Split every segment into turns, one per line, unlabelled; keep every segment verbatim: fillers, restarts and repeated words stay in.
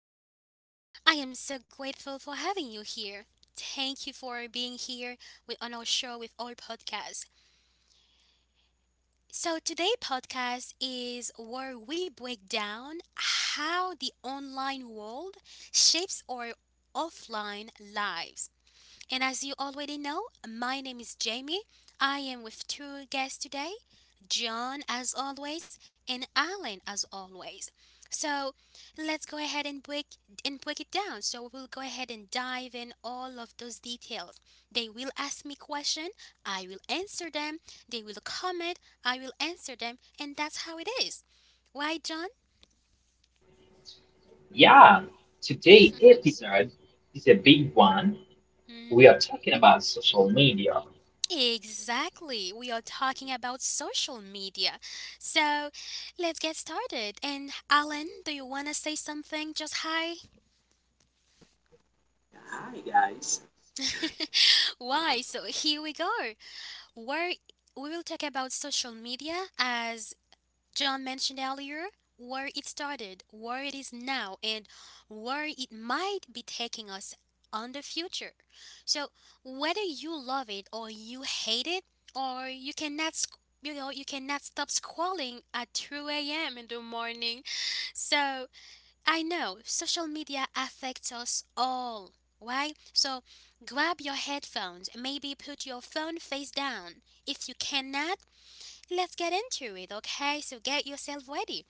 show. I am so grateful for having you here. Thank you for being here with, on our show with our podcast. So today podcast is where we break down how the online world shapes our offline lives. And as you already know, my name is Jamie. I am with two guests today John, as always, and Alan, as always. So let's go ahead and break and break it down. So we'll go ahead and dive in all of those details. They will ask me question, I will answer them. They will comment, I will answer them, and that's how it is. Why, John?
Yeah, today episode is a big one. We
Mm-hmm.
are talking about social media.
Exactly, we are talking about social media. So let's get started. And Alan, do you want to say something? Just hi.
Hi guys.
Why? So here we go. Where we will talk about social media as John mentioned earlier, where it started, where it is now, and where it might be taking us on the future. So whether you love it or you hate it, or you cannot, sc- you know, you cannot stop scrolling at two a m in the morning. So I know social media affects us all. Right? So grab your headphones, maybe put your phone face down. If you cannot, let's get into it, okay? So get yourself ready.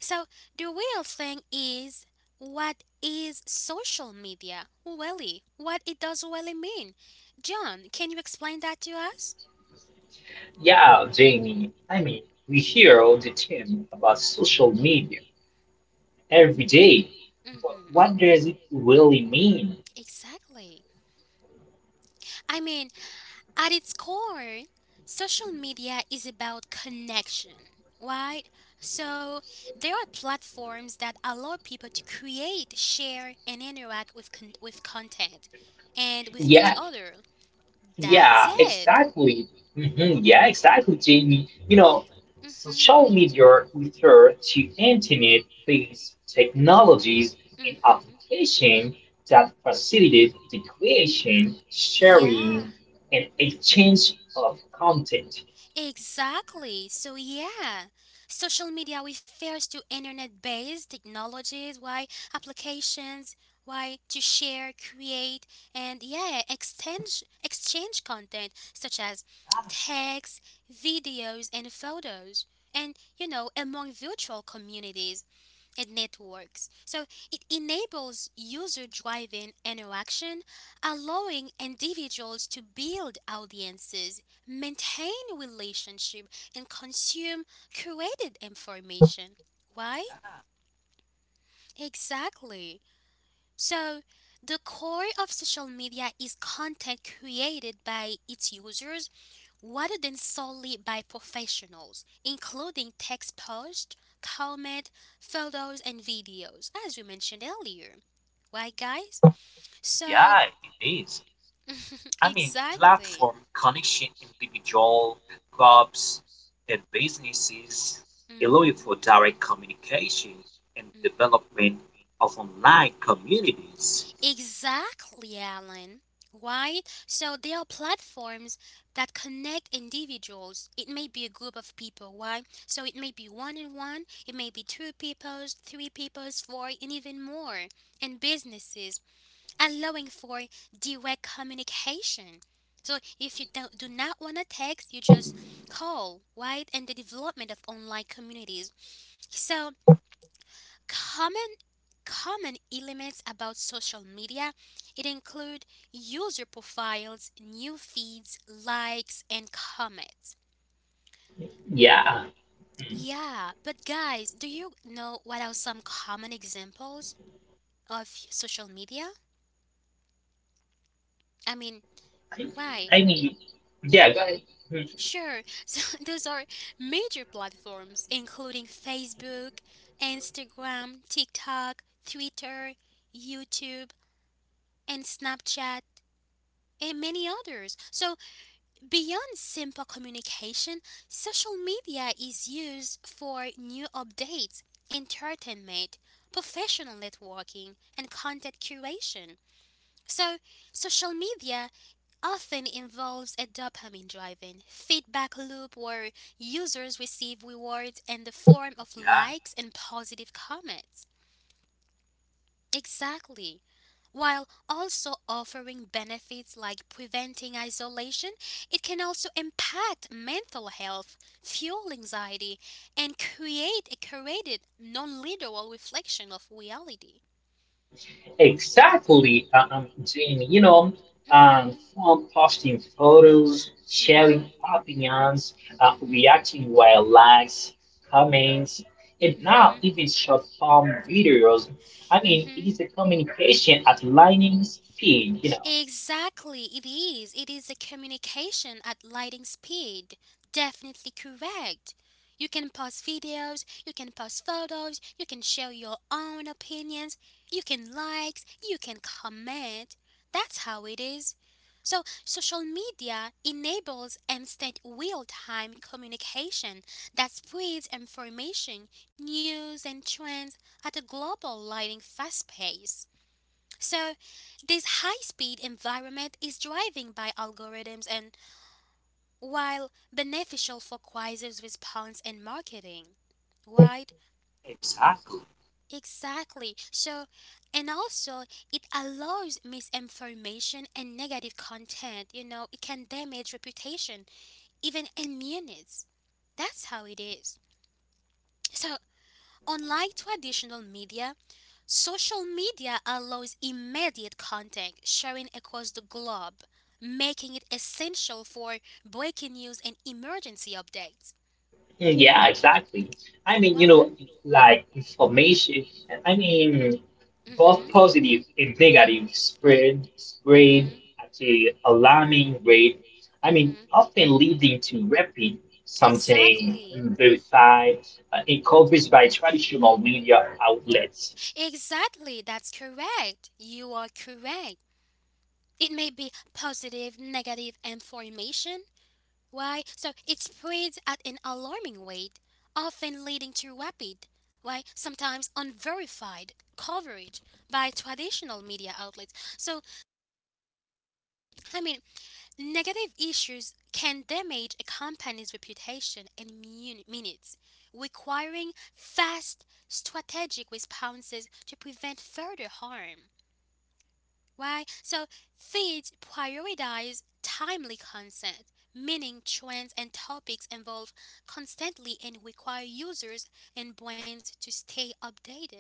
So the real thing is what is social media really? What it does really mean? John, can you explain that to us?
Yeah, Jamie, I mean, we hear all the time about social media every day, but
Mhm.
what does it really mean?
Exactly. I mean, at its core, social media is about connection, right? So, there are platforms that allow people to create, share, and interact with con- with content and with
Yeah,
each other.
yeah,
That's it.
exactly. hmm Yeah, exactly, Jamie. You know,
Mhm.
social media refer to internet-based technologies and
Mhm.
applications that facilitate the creation,
Yeah,
sharing, and exchange of content.
exactly. So, yeah, social media refers to internet based technologies, why applications, why to share, create, and yeah, exchange, exchange content such as
Ah,
text, videos, and photos. And you know, among virtual communities and networks. So it enables user driven interaction, allowing individuals to build audiences, maintain relationship, and consume curated information. Why? Exactly. So the core of social media is content created by its users rather than solely by professionals, including text posts, comment, photos, and videos, as we mentioned earlier. Right, guys? So,
yeah, it is. I mean,
exactly.
platform connection individual, clubs, and businesses allowing for
hmm
direct communication and
hmm
development of online communities.
Exactly, Alan. Why? So there are platforms that connect individuals. It may be a group of people. Why? So it may be one on one. It may be two peoples, three peoples, four, and even more. And businesses allowing for direct communication. So if you don't, do not want to text, you just call, right? And the development of online communities. So common common elements about social media it include user profiles, new feeds, likes and comments.
Yeah,
Yeah, but guys, do you know what are some common examples of social media? I mean,
I,
why?
I mean, yeah, go ahead. Hmm.
Sure, so those are major platforms including Facebook, Instagram, TikTok, Twitter, YouTube, and Snapchat, and many others. So, beyond simple communication, social media is used for new updates, entertainment, professional networking, and content curation. So, social media often involves a dopamine driven feedback loop where users receive rewards in the form of
Yeah,
likes and positive comments. Exactly. While also offering benefits like preventing isolation, it can also impact mental health, fuel anxiety, and create a curated, non literal reflection of reality.
Exactly, uh, um, Jamie. You know, um,
Mhm.
from posting photos,
Mhm.
sharing opinions, uh,
Mhm.
reacting via likes, comments, and now even short form videos. I mean, it
Mhm.
is a communication at lightning speed, you
Mhm.
know.
Exactly, it is. It is a communication at lightning speed. Definitely correct. You can post videos, you can post photos, you can share your own opinions, you can likes, you can comment. That's how it is. So, social media enables instant real time communication that spreads information, news, and trends at a global lightning fast pace. So, this high speed environment is driven by algorithms and while beneficial for Quizzer's response and marketing. Right?
exactly.
Exactly. So, and also it allows misinformation and negative content. You know, it can damage reputation, even immunities. That's how it is. So, unlike traditional media, social media allows immediate contact sharing across the globe, making it essential for breaking news and emergency updates.
Mm, yeah, exactly. I mean, you
One.
know, like information, I mean, both
Mhm.
positive and negative spread spread
Mhm.
at a alarming rate. I mean,
Mhm.
often leading to rapid, something
Exactly.
verified, uh, and coverage by traditional media outlets.
Exactly. That's correct. You are correct. It may be positive, negative information. Why? So it spreads at an alarming rate, often leading to rapid, why sometimes unverified coverage by traditional media outlets. So, I mean, negative issues can damage a company's reputation in mun- minutes, requiring fast, strategic responses to prevent further harm. Why? So feeds prioritize timely content, meaning trends and topics evolve constantly and require users and brands to stay updated.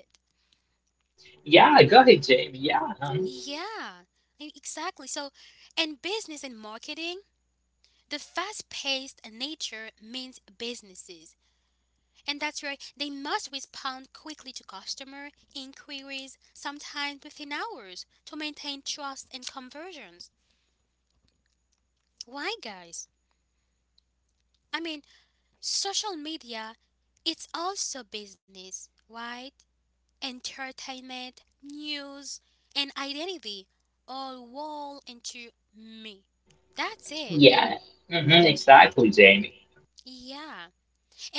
Yeah, go ahead, Jamie. Yeah, um,
Yeah, e- exactly. So, in business and marketing, the fast paced nature means businesses. And that's where they must respond quickly to customer inquiries, sometimes within hours, to maintain trust and conversions. Why, guys? I mean, social media, it's also business, right? Entertainment, news, and identity all roll into me. That's it.
yeah, hmm exactly, Jamie.
Yeah.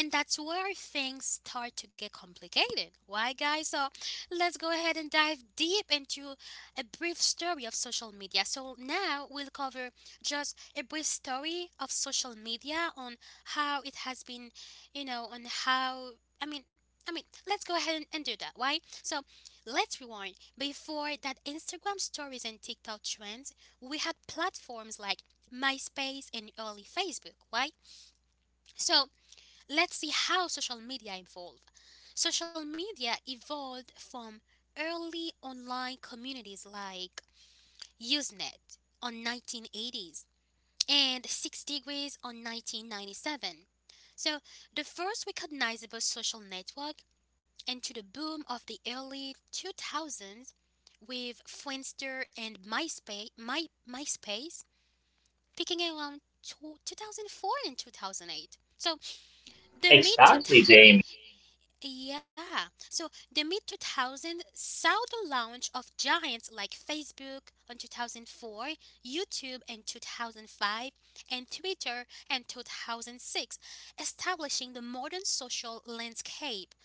And that's where things start to get complicated. Why, guys? So let's go ahead and dive deep into a brief story of social media. So now we'll cover just a brief story of social media on how it has been, you know, on how, I mean, I mean, let's go ahead and, and do that. Why? So let's rewind. Before that Instagram stories and TikTok trends, we had platforms like MySpace and early Facebook. Why? So let's see how social media evolved. Social media evolved from early online communities like Usenet on nineteen eighties and six degrees on nineteen ninety-seven. So, the first recognizable social network and to the boom of the early two thousands with Friendster and MySpace, My, MySpace peaking around two thousand four and two thousand eight. So, the mid
Exactly, Jamie.
Yeah. So the mid two thousand saw the launch of giants like Facebook in two thousand four, YouTube in two thousand five, and Twitter in two thousand six, establishing the modern social landscape,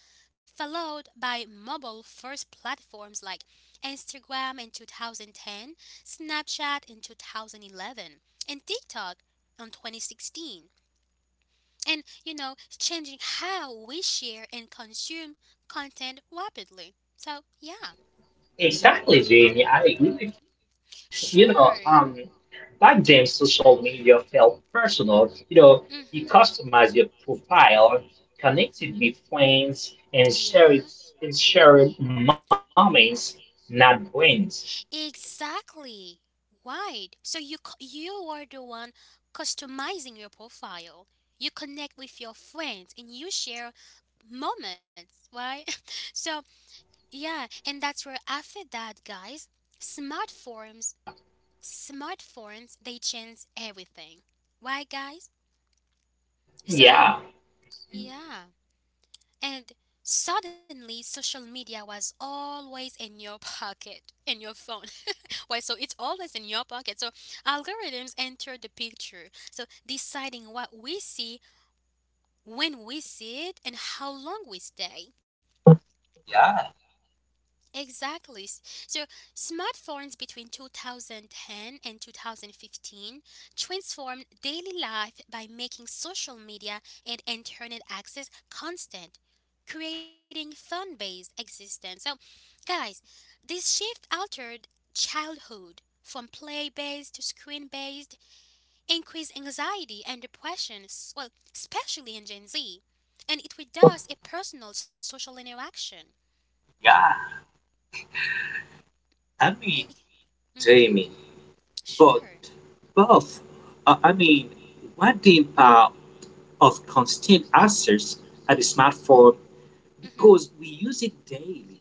followed by mobile-first platforms like Instagram in twenty ten, Snapchat in two thousand eleven, and TikTok in twenty sixteen, and you know changing how we share and consume content rapidly. So yeah,
Exactly, Jamie. I agree with. You know,
sure.
um, back then social media felt personal. You know, you
Mm-hmm.
customized your profile, connected
Mm-hmm.
with friends, and share
Yeah,
it and share moments, not brains.
exactly, right. So you c- you are the one customizing your profile, you connect with your friends and you share moments, right. So yeah, and that's where after that, guys, smartphones, smartphones, they change everything. Why, guys? So,
Yeah,
yeah. And suddenly, social media was always in your pocket, in your phone. Why? So it's always in your pocket. So algorithms enter the picture. So deciding what we see, when we see it, and how long we stay.
Yeah,
Exactly. S- So, smartphones between two thousand ten and two thousand fifteen transformed daily life by making social media and internet access constant, creating phone based existence. So, guys, this shift altered childhood from play based to screen based, increased anxiety and depression, s- well, especially in Gen Z, and it reduced a personal social interaction.
yeah. I mean,
Mm-hmm.
Jamie,
Sure.
but both. Uh, I mean, what the impact of constant access at the smartphone
Mm-hmm.
because we use it daily.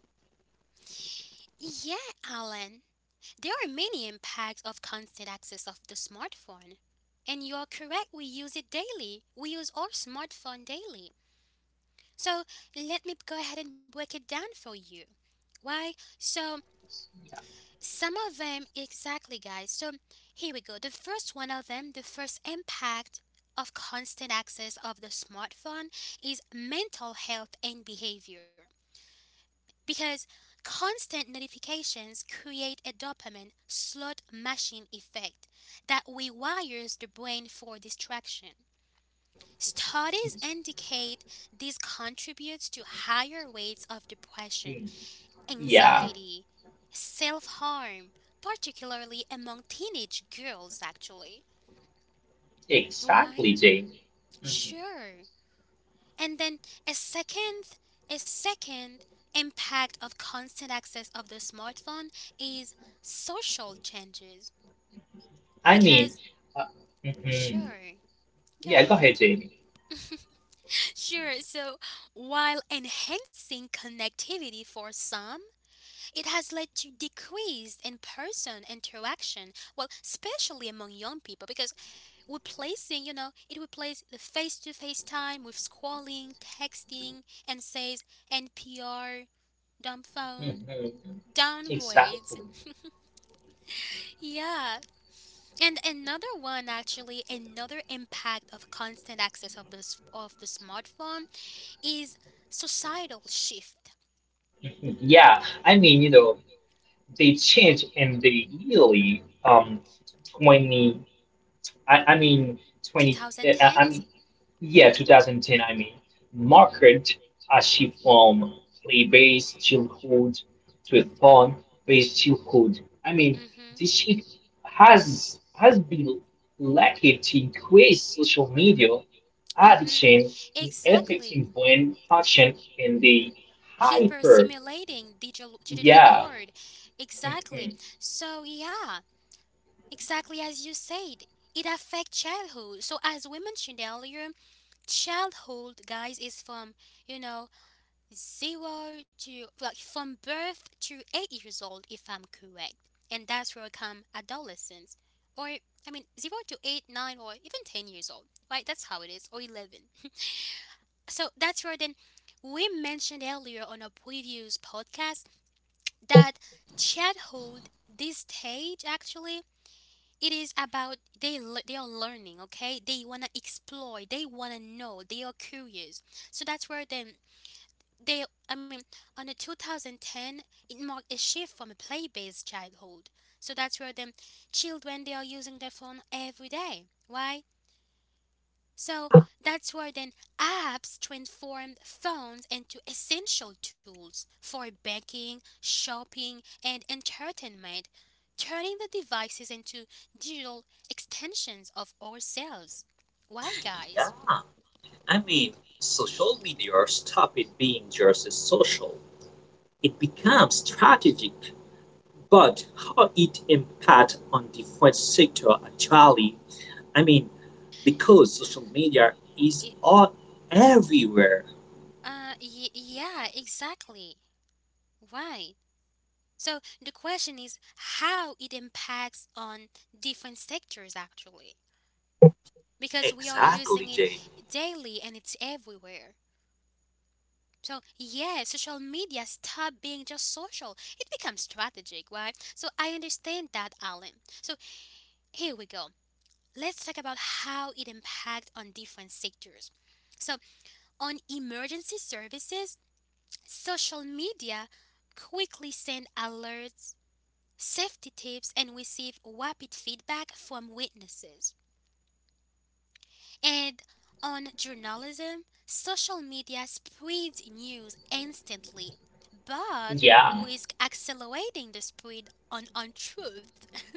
Yeah, Alan. There are many impacts of constant access of the smartphone. And you are correct, we use it daily. We use our smartphone daily. So let me go ahead and break it down for you. Why? So some of them exactly guys. So here we go. The first one of them, the first impact of constant access of the smartphone is mental health and behavior. Because constant notifications create a dopamine slot machine effect that rewires the brain for distraction. Studies indicate this contributes to higher rates of depression,
mm, yeah,
anxiety, self harm, particularly among teenage girls, actually. Why?
exactly, Jamie. Mhm.
Sure. And then a second, a second impact of constant access of the smartphone is social changes.
I mean,
Because,
uh, mhm.
sure, go
Yeah, go
ahead.
ahead, Jamie.
Sure, so while enhancing connectivity for some, it has led to decreased in person interaction, well, especially among young people, because replacing, you know, it replaced the face to face time with scrolling, texting, and says N P R, dumb phone,
Mhm.
downgrades.
Exactly.
Yeah. And another one actually, another impact of constant access of this of the smartphone is societal shift.
Mhm. Yeah, I mean, you know, they change in the yearly um twenty. I, I mean, twenty, uh, I
twenty tens?
mean, yeah, twenty ten, I mean, marked
Mm-hmm.
a shift from play-based childhood to a fun-based childhood. I mean,
Mm-hmm.
this shift has has been likely to increase social media
Mm-hmm.
addiction, affecting
Exactly.
brain function in the
Hyper
hyper.
simulating digital digital
Yeah,
world, exactly.
mhm,
So yeah, exactly as you said, it affects childhood. So as we mentioned earlier, childhood guys is from, you know, zero to, like, from birth to eight years old if I'm correct. And that's where come adolescence, or I mean zero to eight, nine, or even ten years old, right? That's how it is, or eleven. So that's where then we mentioned earlier on a previous podcast that chat hold this stage actually. It is about they le- they are learning, okay, they want to explore, they want to know, they are curious. So that's where then they, I mean, on the two thousand ten it marked a shift from a play-based childhood. So that's where them children they are using their phone every day, why. So that's where then apps transformed phones into essential tools for banking, shopping, and entertainment, turning the devices into digital extensions of ourselves. Why,
Yeah.
guys?
I mean, social media stops it being just social. It becomes strategic. But how it impact on different sector actually? I mean, because social media is
It,
all everywhere.
uh, y- yeah, exactly. Why? So the question is how it impacts on different sectors actually, because we are using
Exactly,
it
Jay.
daily and it's everywhere. So yeah, social media stop being just social. It becomes strategic, right? So I understand that, Alan. So here we go. Let's talk about how it impacts on different sectors. So on emergency services, social media quickly send alerts, safety tips, and receive rapid feedback from witnesses. And on journalism, social media spreads news instantly, but
yeah,
risk accelerating the spread on untruth.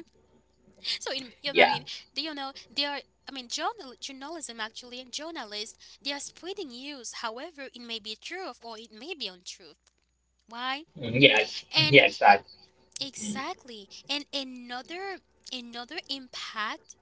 So, in, you know, I
yeah,
mean, Do you know they are? I mean, journal, journalism actually, and journalists, they are spreading news. However, it may be truth or it may be untruth. Why?
mm-hmm, yeah, ex- yeah,
And
exactly.
exactly. And another another impact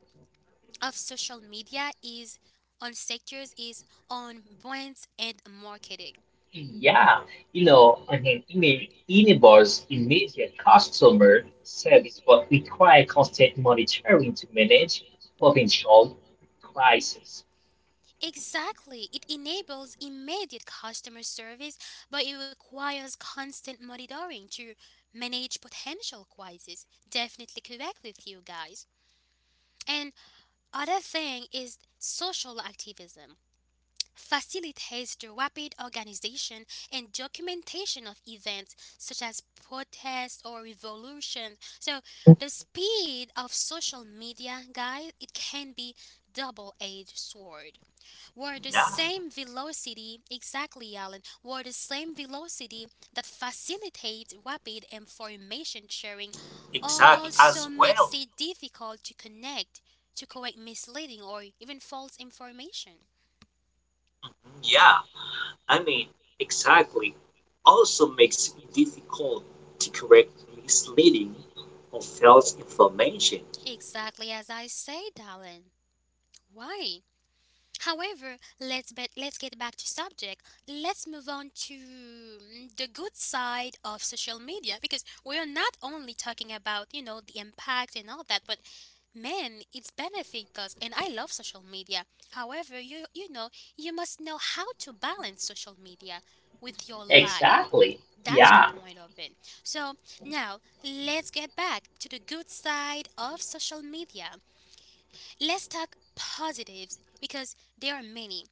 of social media is on sectors is on brands and marketing.
Yeah, you know, I mean, Ine- Inebar's immediate customer service but require constant monitoring to manage potential crises.
Exactly, it enables immediate customer service, but it requires constant monitoring to manage potential crises. Definitely correct with you guys. And other thing is social activism. Facilitates the rapid organization and documentation of events such as protests or revolutions. So the speed of social media, guys, it can be double-edged sword. Where the
Yeah,
same velocity, exactly Alan, where the same velocity that facilitates rapid information sharing
exactly
also
as
makes
well.
it difficult to connect to correct misleading or even false information.
Yeah, I mean, exactly. Also makes it difficult to correct misleading or false information.
Exactly as I said, darling. Why? However, let's bet let's get back to subject. Let's move on to mm, the good side of social media because we are not only talking about, you know, the impact and all that, but man, it's benefit us and I love social media. However, you you know, you must know how to balance social media with your life.
Exactly.
That's the
Yeah.
point of it. So now let's get back to the good side of social media. Let's talk positives because there are many.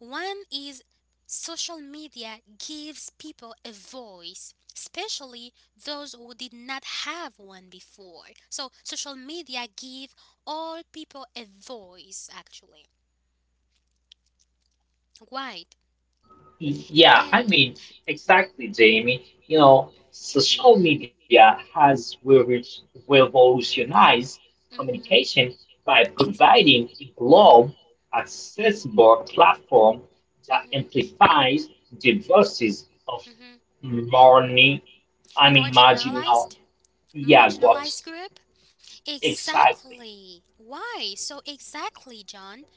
One is social media gives people a voice, especially those who did not have one before. So social media give all people a voice actually. Right.
Yeah,
And
I mean, exactly, Jamie. You know,
mhm
social media has revo- revolutionized
mhm
communication by
it
providing a global, accessible platform that
mhm
amplifies the voices of
mhm
morning, I mean, marginal,
marginalized
yeah, groups.
marginalized group.
Exactly,
Exactly. Why? So exactly, John.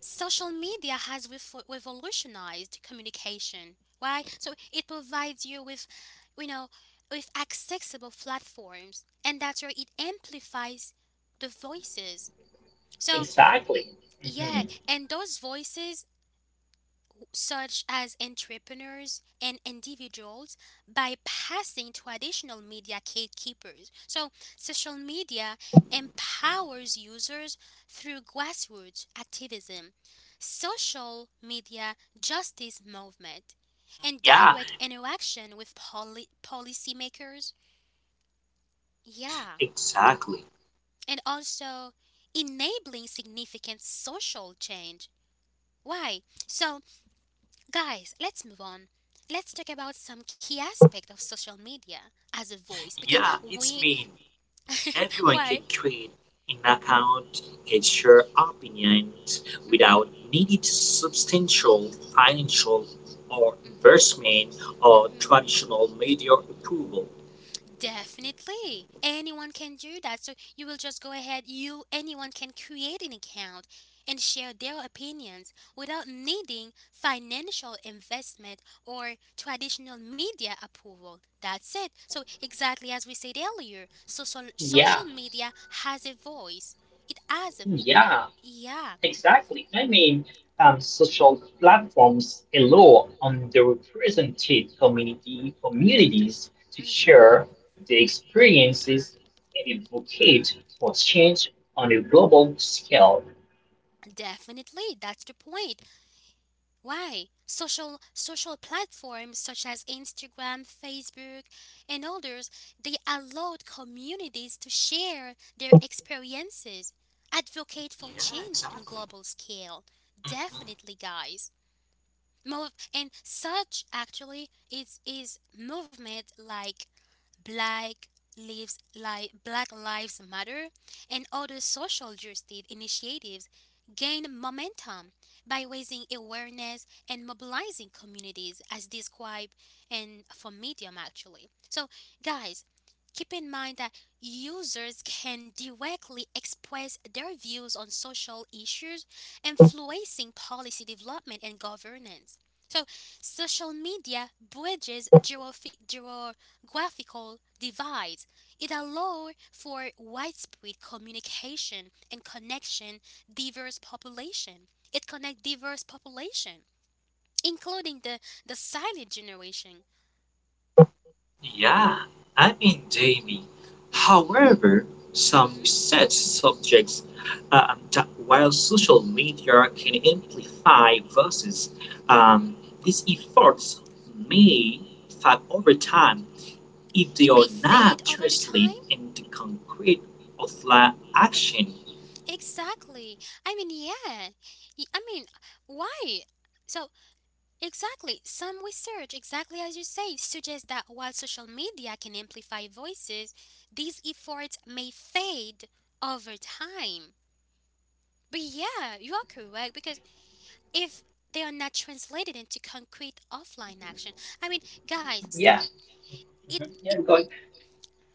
Social media has revo- revolutionized communication. Why? So it provides you with, you know, with accessible platforms, and that's where it amplifies the voices. So
exactly.
yeah,
Mhm.
and those voices such as entrepreneurs and individuals by passing traditional media gatekeepers. So, social media empowers users through grassroots activism, social media justice movement, and
Yeah,
direct interaction with poli- policymakers. Yeah,
exactly.
and also enabling significant social change. Why? So, guys, let's move on. Let's talk about some key aspect of social media as a voice because
Yeah, it's
we
mean. Everyone can
why
create an account, can share opinions
hmm
without needing substantial financial or
hmm
investment or
hmm.
traditional media approval.
Definitely. Anyone can do that. So you will just go ahead, you anyone can create an account and share their opinions without needing financial investment or traditional media approval. That's it. So exactly as we said earlier, social
Yeah,
social media has a voice. It has a
yeah.
yeah.
Exactly. I mean, um, social platforms allow underrepresented community communities to
Mhm.
share their experiences and advocate for change on a global scale.
Definitely. That's the point. Why? Social social platforms such as Instagram, Facebook, and others, they allowed communities to share their experiences, advocate for
Yeah,
change on a
exactly.
global scale.
Mhm.
Definitely, guys. Move and such actually is is movement like Black Lives, Li- Black Lives Matter, and other social justice initiatives gained momentum by raising awareness and mobilizing communities, as described in for Medium actually. So, guys, keep in mind that users can directly express their views on social issues, influencing policy development and governance. So, social media bridges geographic, graphical divides. It allows for widespread communication and connection diverse population. It connects diverse population, including the, the silent generation.
Yeah, I mean, Jamie.
Mhm,
However, some
mhm,
research subjects uh, that while social media can amplify voices,
mhm.
um, these efforts may fade over time if
It
they
may
are
fade
not
over the time.
translated into concrete offline action.
Exactly. I mean, yeah. Y- I mean, why? So exactly. Some research, exactly as you say, suggests that while social media can amplify voices, these efforts may fade over time. But yeah, you are correct because if they are not translated into concrete offline action, I mean, guys,
Yeah.
it
Mhm.
it
Yeah, because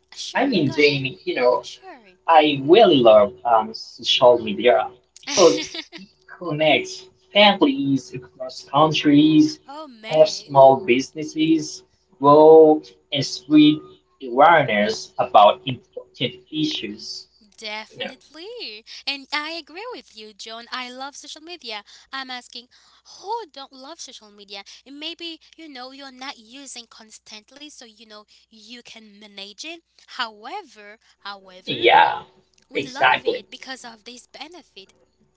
sure
I
go
mean,
ahead,
Jamie, you know,
sure.
I really love um, social media because it connects families across countries,
Oh
helps
man.
small businesses grow, and spread awareness about important issues. You know,
Definitely. And I agree with you, John. I love social media. I'm asking who don't love social media? And maybe, you know, you're not using constantly, so you know you can manage it. However, however,
yeah,
we love
exactly.
it because of this benefit.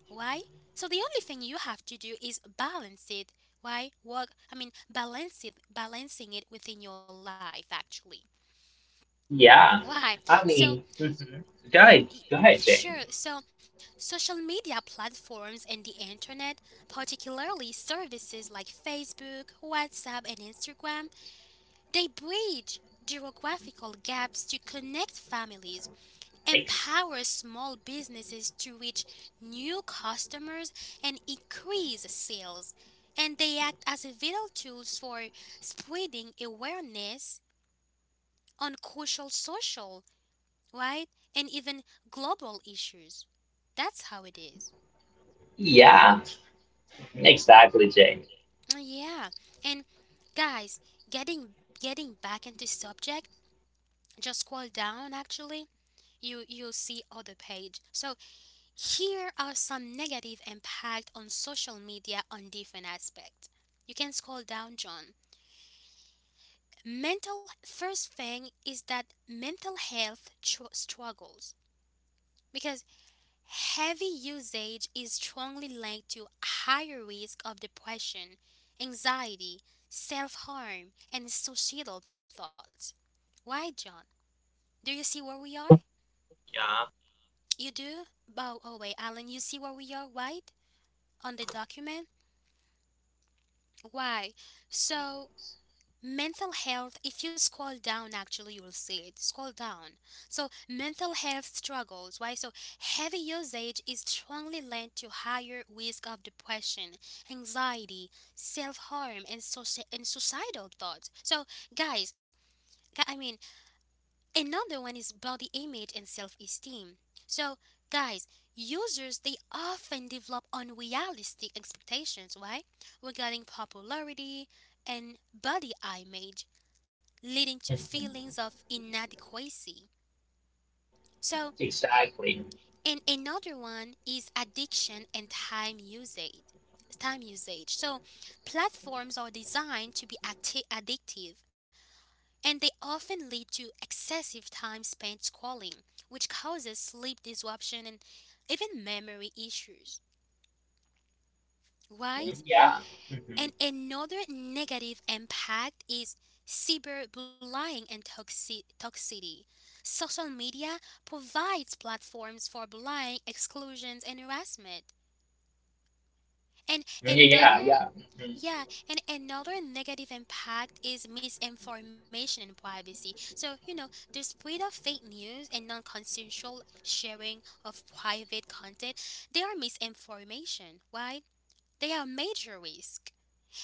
Why? So the only thing you have to do is balance it. Why? Work I mean balance it balancing it within your life actually.
Yeah,
Why?
I
So
mean, mhm. Go ahead,
Y-
go ahead, Jamie.
Sure. So, social media platforms and the internet, particularly services like Facebook, WhatsApp, and Instagram, they bridge geographical gaps to connect families,
Ex-
empower small businesses to reach new customers, and increase sales. And they act as vital tools for spreading awareness on crucial social right? And even global issues. That's how it is.
yeah, exactly, Jamie.
Yeah. And guys, getting getting back into subject, just scroll down actually, you you'll see other page. So here are some negative impact on social media on different aspects. You can scroll down, John. Mental first thing is that mental health tr- struggles because heavy usage is strongly linked to higher risk of depression, anxiety, self-harm, and suicidal thoughts. Why, John? Do you see where we are?
Yeah,
You do? By oh wait, Alan, you see where we are, right? On the document? Why? So mental health, if you scroll down, actually, you will see it. Scroll down. So, mental health struggles, right? So, heavy usage is strongly linked to higher risk of depression, anxiety, self harm, and, soci- and suicidal thoughts. So, guys, gu- I mean, another one is body image and self esteem. So, guys, users they often develop unrealistic expectations, right? Regarding popularity and body image leading to feelings
Mhm.
of inadequacy. So,
Exactly.
and another one is addiction and time usage. Time usage. So, platforms are designed to be atti- addictive, and they often lead to excessive time spent scrolling, which causes sleep disruption and even memory issues. Right?
Mhm. Yeah.
And
Mhm.
another negative impact is cyberbullying and toxi- toxicity. Social media provides platforms for bullying, exclusions, and harassment. And
Mhm. Yeah,
another,
yeah. Mm-hmm.
yeah, and another negative impact is misinformation and privacy. So, you know, the spread of fake news and non consensual sharing of private content, they are misinformation, right? They are major risk.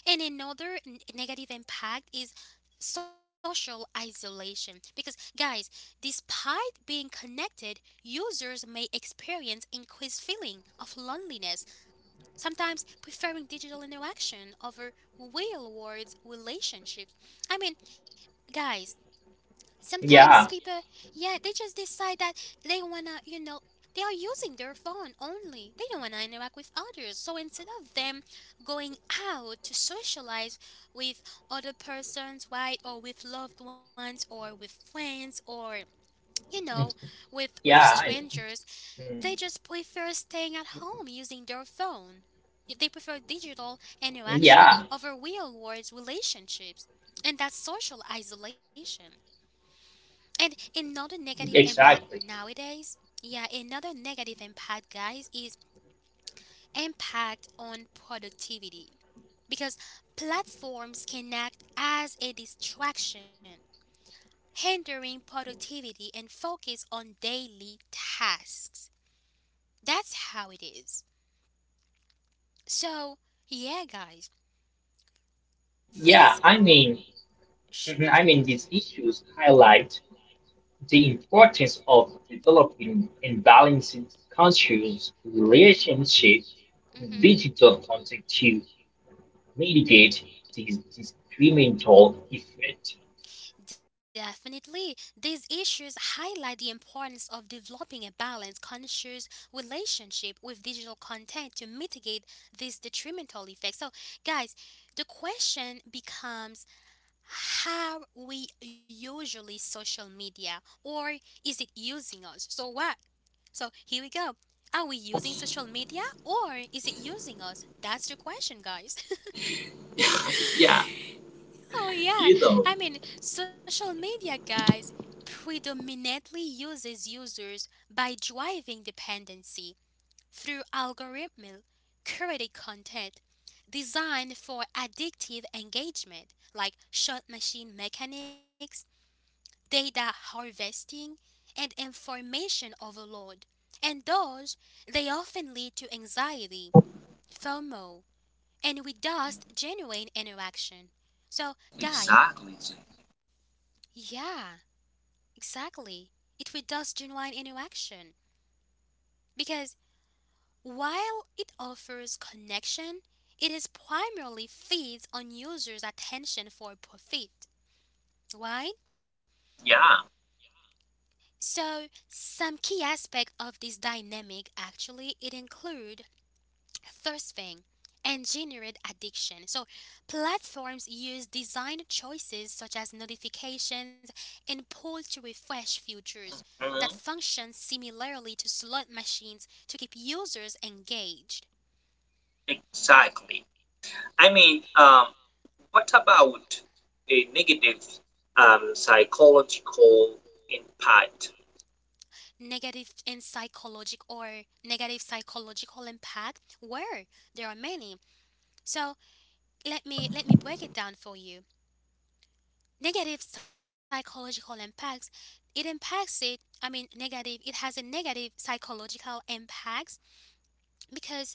And another n- negative impact is social isolation because guys despite being connected users may experience increased feeling of loneliness sometimes preferring digital interaction over real world relationships I mean guys sometimes
Yeah.
people, yeah, they just decide that they wanna, you know, they are using their phone only. They don't wanna interact with others. So instead of them going out to socialize with other persons, right, or with loved ones, or with friends, or you know,
Mhm.
with with
Yeah, I know.
strangers,
Mhm.
they just prefer staying at home using their phone. They prefer digital interaction
Yeah,
over real world relationships, and that's social isolation. And another negative impact
exactly.
nowadays, yeah, another negative impact, guys, is impact on productivity because platforms can act as a distraction, hindering productivity and focus on daily tasks. That's how it is. So, yeah, guys,
Yeah,
this
I mean, mhm, I mean,
sure.
these issues highlight the importance of developing and balancing conscious
Mhm.
relationship
Mhm.
with digital content to mitigate these discriminatory effect.
Definitely, these issues highlight the importance of developing a balanced, conscious relationship with digital content to mitigate these detrimental effects. So, guys, the question becomes how we usually social media or is it using us? So, what? So, here we go. Are we using social media or is it using us? That's the question, guys.
yeah,
Oh yeah,
you know.
I mean, social media guys predominantly uses users by driving dependency through algorithmic curated content designed for addictive engagement like shot machine mechanics, data harvesting, and information overload. And those, they often lead to anxiety, FOMO, and reduced genuine interaction. So, guys,
Exactly, Jamie.
yeah, exactly. It withdraws genuine interaction because while it offers connection, it is primarily feeds on users' attention for profit, right?
Yeah,
So some key aspect of this dynamic actually it include first thing, engineered addiction. So, platforms use design choices such as notifications and pull to refresh features that
mhm,
function similarly to slot machines to keep users engaged.
exactly. I mean, um, what about a negative um, psychological impact?
Negative and psychological or negative psychological impact where there are many. So let me let me break it down for you. Negative psychological impacts it impacts it I mean negative it has a negative psychological impacts because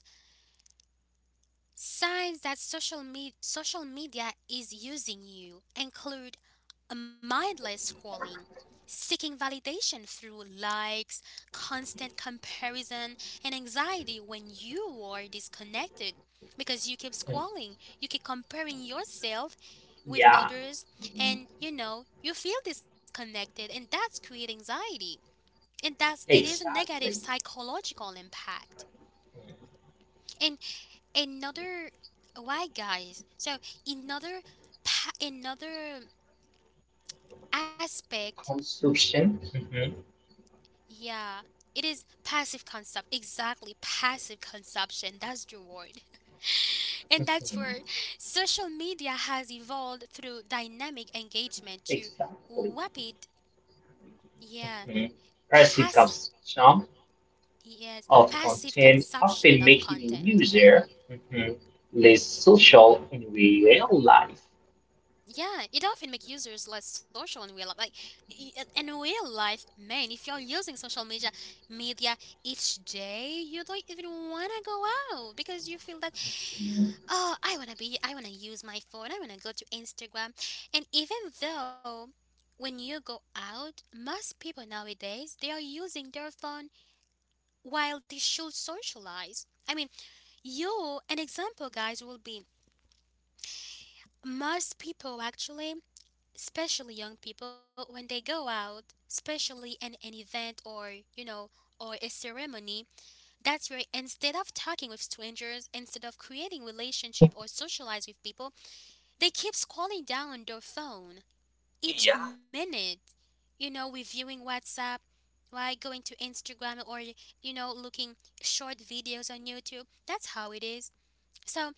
signs that social media social media is using you include a mindless scrolling, seeking validation through likes, constant comparison, and anxiety when you are disconnected. Because you keep scrolling, you keep comparing yourself with
Yeah,
others, and you know, you feel disconnected, and that's create anxiety. And that's it is a negative
exactly.
psychological impact. And another why guys so another pa- another aspect
Consumption. Mhm,
yeah, it is passive consumption. Exactly, passive consumption. That's the word. And that's where
mhm.
social media has evolved through dynamic engagement to
Exactly.
rapid, yeah,
Mm-hmm. Passive
pass,
consumption
yes,
of
passive
content,
consumption
often
of
making
content.
user mhm, less social in real life.
Yeah, it often makes users less social in real life. Like i- i- in real life, man, if you're using social media media each day, you don't even wanna go out because you feel that, oh, i want to be I want to use my phone, I want to go to Instagram. And even though when you go out, most people nowadays, they are using their phone while they should socialize. I mean, you an example, guys, will be most people actually, especially young people, when they go out, especially in an event or you know or a ceremony, that's where, instead of talking with strangers, instead of creating relationship or socialize with people, they keep scrolling down their phone each
Yeah.
minute, you know, reviewing WhatsApp, right? Going to Instagram or, you know, looking short videos on YouTube. That's how it is. So,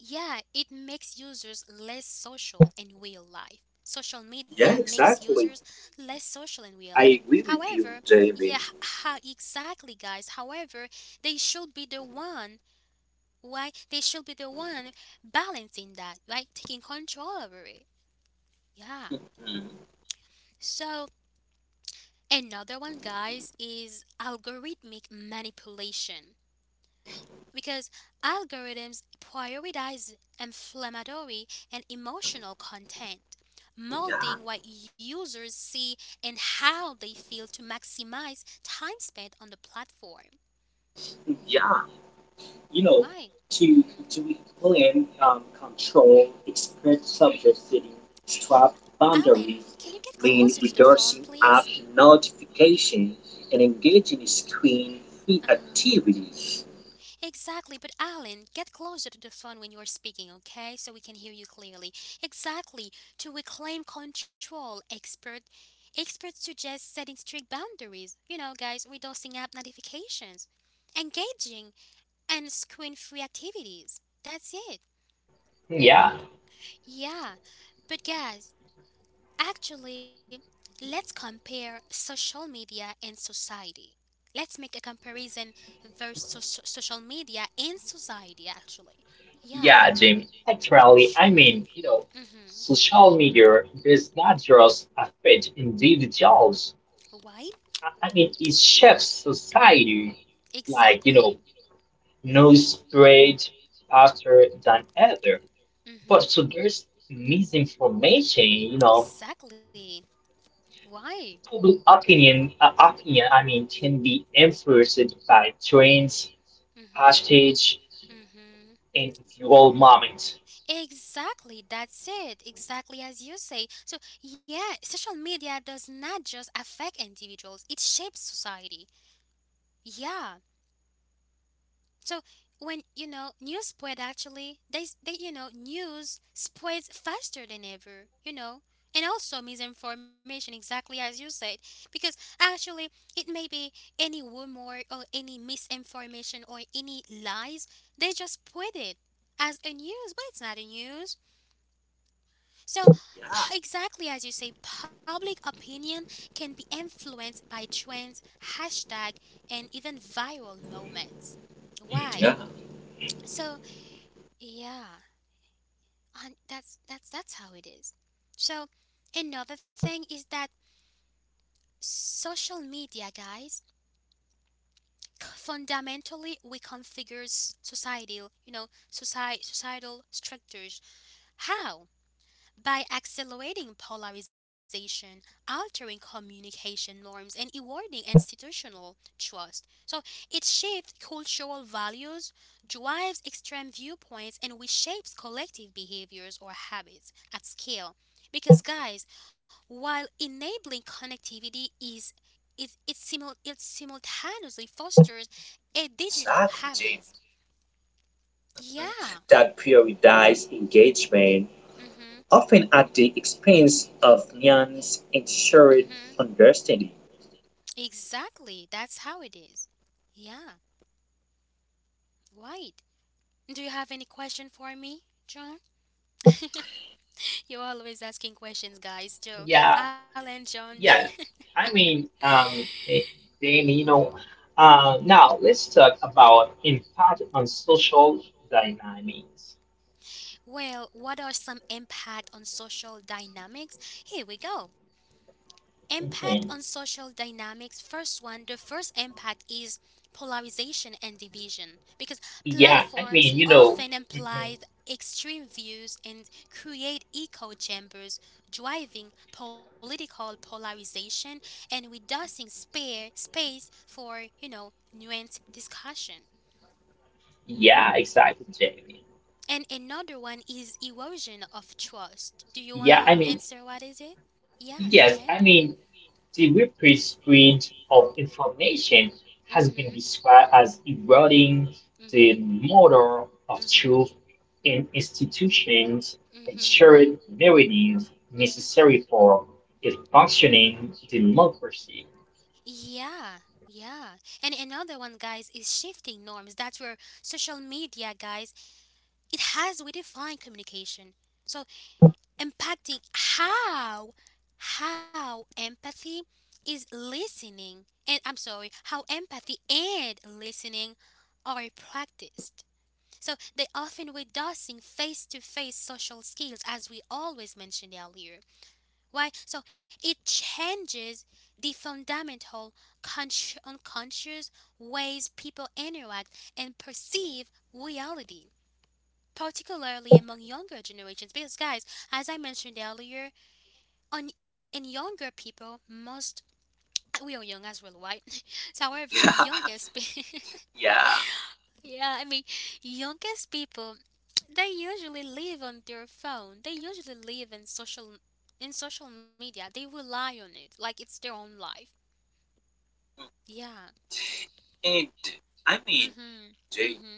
yeah, it makes users less social in real life. Social media
Yeah,
makes users
exactly.
less social in real
I
life.
agree with you,
However,
Jamie.
yeah, how exactly, guys. However, they should be the one, right? They should be the one balancing that, right? Taking control over it. Yeah.
Mm.
So another one, guys, is algorithmic manipulation. Because algorithms prioritize inflammatory and emotional content,
Yeah.
molding what users see and how they feel to maximize time spent on the platform.
Yeah. You know,
Why?
to
hmm
to plan, um, control, express subversing, strap
Alan,
boundaries,
can you get closer
mean
to the phone,
reducing
please?
app notification and engaging in screen free
Uh-huh.
activities.
Exactly, but Alan, get closer to the phone when you're speaking, okay? So we can hear you clearly. Exactly. To reclaim control, expert experts suggest setting strict boundaries. You know, guys, with dosing up notifications, engaging and screen-free activities. That's it.
Yeah,
Yeah. But guys, actually, let's compare social media and society. Let's make a comparison versus so- so- social media and society, actually. Yeah,
yeah, Jamie. Actually, I
sure.
mean, you know,
Mm-hmm.
social media does not just affect individuals.
Why?
I I mean, it shapes society, like, you know,
Exactly.
news spread faster than ever. But so
Mm-hmm.
there's misinformation, you know.
Exactly. Why?
Public opinion, uh, opinion, I mean, can be influenced by trends,
Mm-hmm.
hashtags,
Mm-hmm.
and viral moments.
Exactly, that's it. Exactly as you say. So, yeah, social media does not just affect individuals, it shapes society. Yeah. So, when you know, news spread, actually, they s- they you know news spreads faster than ever you know And also misinformation, exactly as you said. Because actually, it may be any rumor or any misinformation or any lies, they just spread it as a news, but it's not a news. So,
Yeah.
p- exactly as you say, public opinion can be influenced by trends, hashtag, and even viral moments, right?
Yeah.
So, yeah, and that's that's that's how it is. So another thing is that social media, guys, c- fundamentally reconfigures societal, you know, society societal structures. How? By accelerating polarization, altering communication norms, and eroding institutional trust. So it shapes cultural values, drives extreme viewpoints, and reshapes collective behaviors or habits at scale. Because, guys, while enabling connectivity is, it, it, simul- it simultaneously fosters a digital
Exactly,
habits.
Jamie.
Yeah.
That prioritized engagement,
Mm-hmm.
often at the expense of nuance and
Mm-hmm.
shared understanding.
Exactly. That's how it is. Yeah. Right. Do you have any question for me, John? You're always asking questions, guys. Joe,
Yeah,
Alan, John.
yeah. I mean, um, eh, then you know. Uh, now let's talk about impact on social dynamics.
Well, what are some impact on social dynamics? Here we go. Impact on
Mhm.
social dynamics. First one, the first impact is polarization and division, because
Yeah, I
platforms
mean, you know.
often
Mhm.
imply extreme views and create echo chambers, driving political polarization and reducing spare space for, you know, nuanced discussion.
Yeah, exactly, Jamie.
And another one is erosion of trust. Do you want
Yeah, I
to
mean,
answer what is it? Yeah, go
yes,
ahead.
I mean. The reprint of information has been
Mm-hmm.
described as eroding the
Mm-hmm.
model of truth
Mm-hmm.
in institutions
Mm-hmm.
and
Mm-hmm.
shared narrative necessary for a functioning democracy.
Yeah, yeah. And another one, guys, is shifting norms. That's where social media, guys, it has redefined communication. So impacting how how empathy is listening and I'm sorry, how empathy and listening are practiced. So they often reducing face-to-face social skills, as we always mentioned earlier. Why? So it changes the fundamental consci- unconscious ways people interact and perceive reality, particularly among younger generations. Because, guys, as I mentioned earlier on, and younger people must, we are young as well, right? So however, youngest pe-
Yeah.
yeah, I mean, youngest people, they usually live on their phone, they usually live in social in social media, they rely on it like it's their own life. Yeah.
And I mean,
Mm-hmm.
Jake,
Mm-hmm.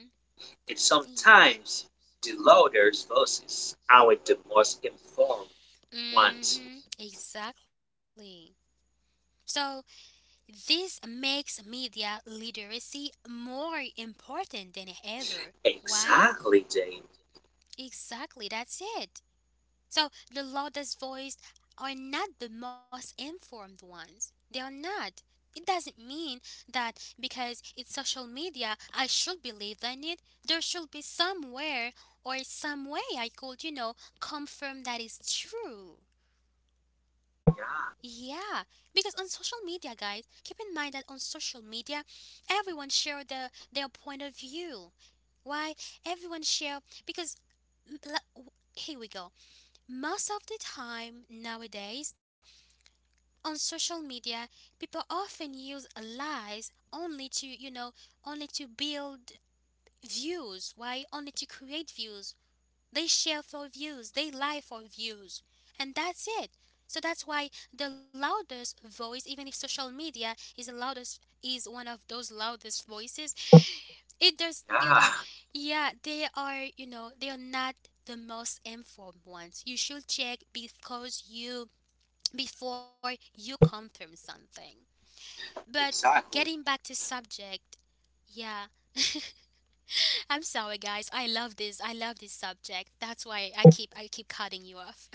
and sometimes the loudest voices are the most informed ones.
Mm-hmm. Exactly. So this makes media literacy more important than ever. Why?
Exactly, Jane.
Exactly, that's it. So the loudest voice are not the most informed ones. They are not. It doesn't mean that because it's social media, I should believe in it. There should be somewhere or some way I could, you know, confirm that is true. Yeah, because on social media, guys, keep in mind that on social media, everyone share the, their point of view. Why? Everyone share because l- here we go. Most of the time nowadays on social media, people often use lies only to, you know, only to build views. Why? Only to create views. They share for views, they lie for views. And that's it. So that's why the loudest voice, even if social media is the loudest, is one of those loudest voices. It does, you
Yeah,
know, yeah, they are, you know, they are not the most informed ones. You should check because you before you confirm something. But getting
exactly.
back to subject, yeah, I'm sorry, guys. I love this. I love this subject. That's why I keep I keep cutting you off.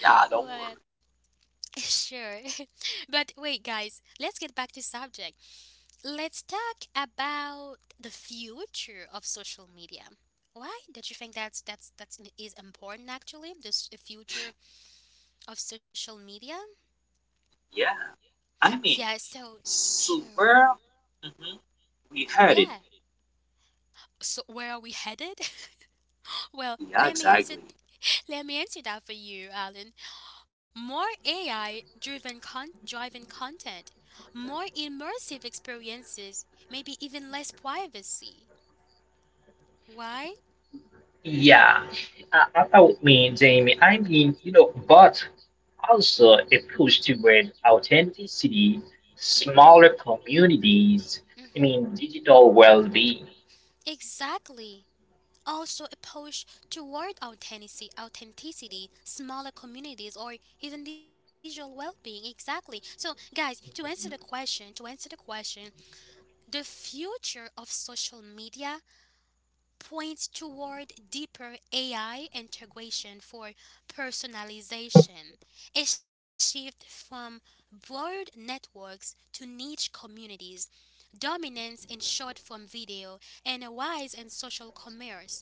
Yeah, don't worry.
What? Sure. But wait, guys, let's get back to subject. Let's talk about the future of social media. Why? Don't you think that's that's that's is important actually? This, the future of social media?
Yeah, I mean,
Yeah, so
so
sure.
where, mhm, we heard it.
Yeah. So where are we headed? Well,
Yeah,
let me
exactly.
answer let me answer that for you, Alan. More A I driven con- driving content, more immersive experiences, maybe even less privacy. Why?
Yeah, I, I would mean, Jamie, I mean, you know, but also a push toward authenticity,
Mhm.
smaller communities, I
Mhm.
mean, digital well being.
Exactly. Also, a push toward authenticity, authenticity, smaller communities, or even digital well-being. Exactly. So, guys, to answer the question, to answer the question, the future of social media points toward deeper A I integration for personalization, a shift from broad networks to niche communities, dominance in short form video, and a rise in social commerce.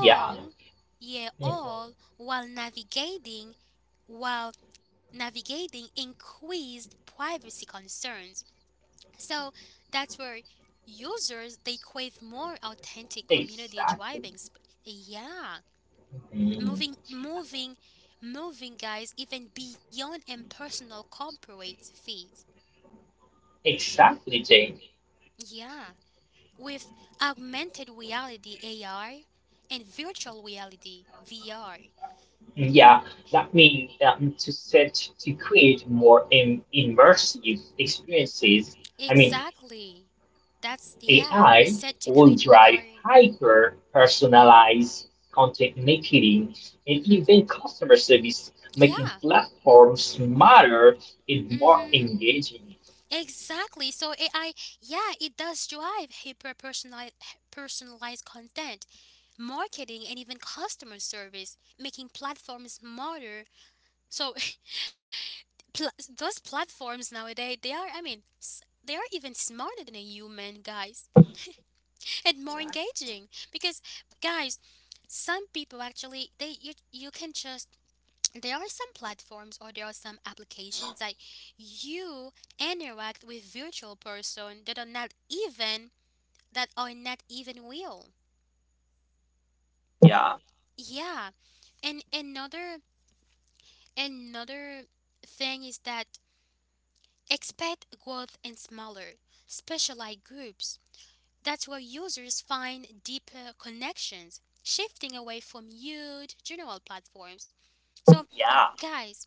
Yeah.
yeah,
Mhm.
all while navigating while navigating increased privacy concerns. So that's where users they crave more authentic community
Exactly.
driving. Sp- yeah,
Mm.
moving, moving, moving, guys, even beyond impersonal corporate feeds.
Exactly, Jamie.
Yeah, with augmented reality (A R) and virtual reality (V R).
Yeah, that means um, to set to create more im immersive experiences. I mean,
Exactly. That's, yeah,
A I
set to
will
create
drive
more.
hyper personalized content marketing and even
Hmm.
customer service, making
Yeah.
platforms smarter and more
Hmm.
engaging.
Exactly. So A I, yeah, it does drive hyper personalized personalized content, marketing and even customer service, making platforms smarter. So, pl- those platforms nowadays, they are, I mean, s- they are even smarter than a human, guys, and more
Exactly.
engaging, because, guys, some people actually, they you, you can just there are some platforms or there are some applications that you interact with virtual person that are not even that are not even real.
Yeah,
Yeah. And another another thing is that, expect growth in smaller specialized groups. That's where users find deeper connections, shifting away from huge general platforms. So,
yeah,
guys,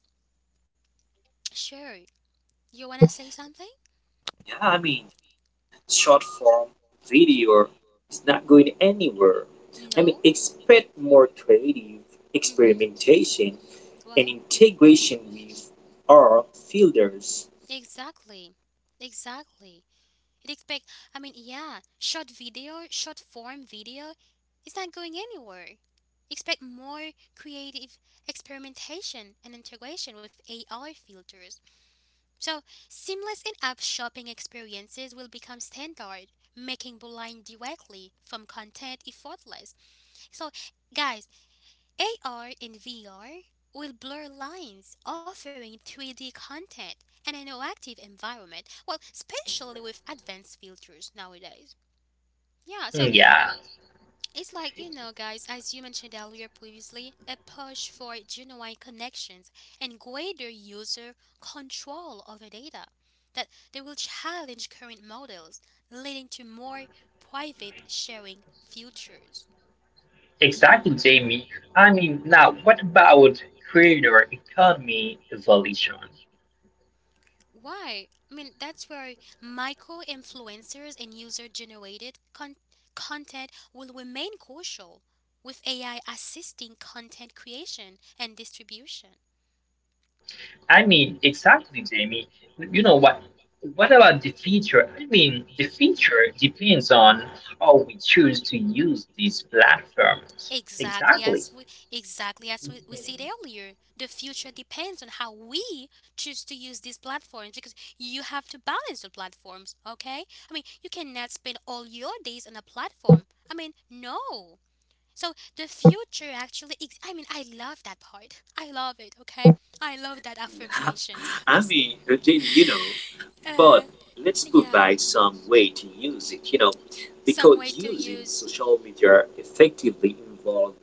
sure, you want to say something.
yeah. I mean, short form video is not going anywhere. I mean,
No.
expect more creative
Mm-hmm.
experimentation and
Why?
integration with our filters.
Exactly. Exactly. It expect I mean, yeah, short video, short form video is not going anywhere. Expect more creative experimentation and integration with A I filters. So, seamless in-app shopping experiences will become standard, making buying directly from content effortless. So, guys, A R and V R will blur lines, offering three D content and an interactive environment, well, especially with advanced filters nowadays. Yeah, so
Hmm, yeah,
it's like, you know, guys, as you mentioned earlier previously, a push for genuine connections and greater user control over data, that they will challenge current models, leading to more private sharing futures.
exactly, Jamie. I mean, now what about creator economy evolution?
Why? I mean, that's where micro influencers and user generated con- content will remain crucial, with A I assisting content creation and distribution.
I mean, exactly, Jamie. You know
Hmm.
what? What about the feature? I mean, the feature depends on how we choose to use these platforms.
Exactly
Exactly.
as we exactly as we, we said
Mhm.
earlier, the future depends on how we choose to use these platforms, because you have to balance the platforms, okay? I mean, you cannot spend all your days on a platform. I mean, no. So the future actually, ex- I mean, I love that part. I love it, okay? I love that
Yeah,
affirmations,
I
guys.
mean, Jenny, you know,
Uh
but let's
yeah.
provide some way to use it, you know,
Some way
because
to
using
use.
social media effectively involves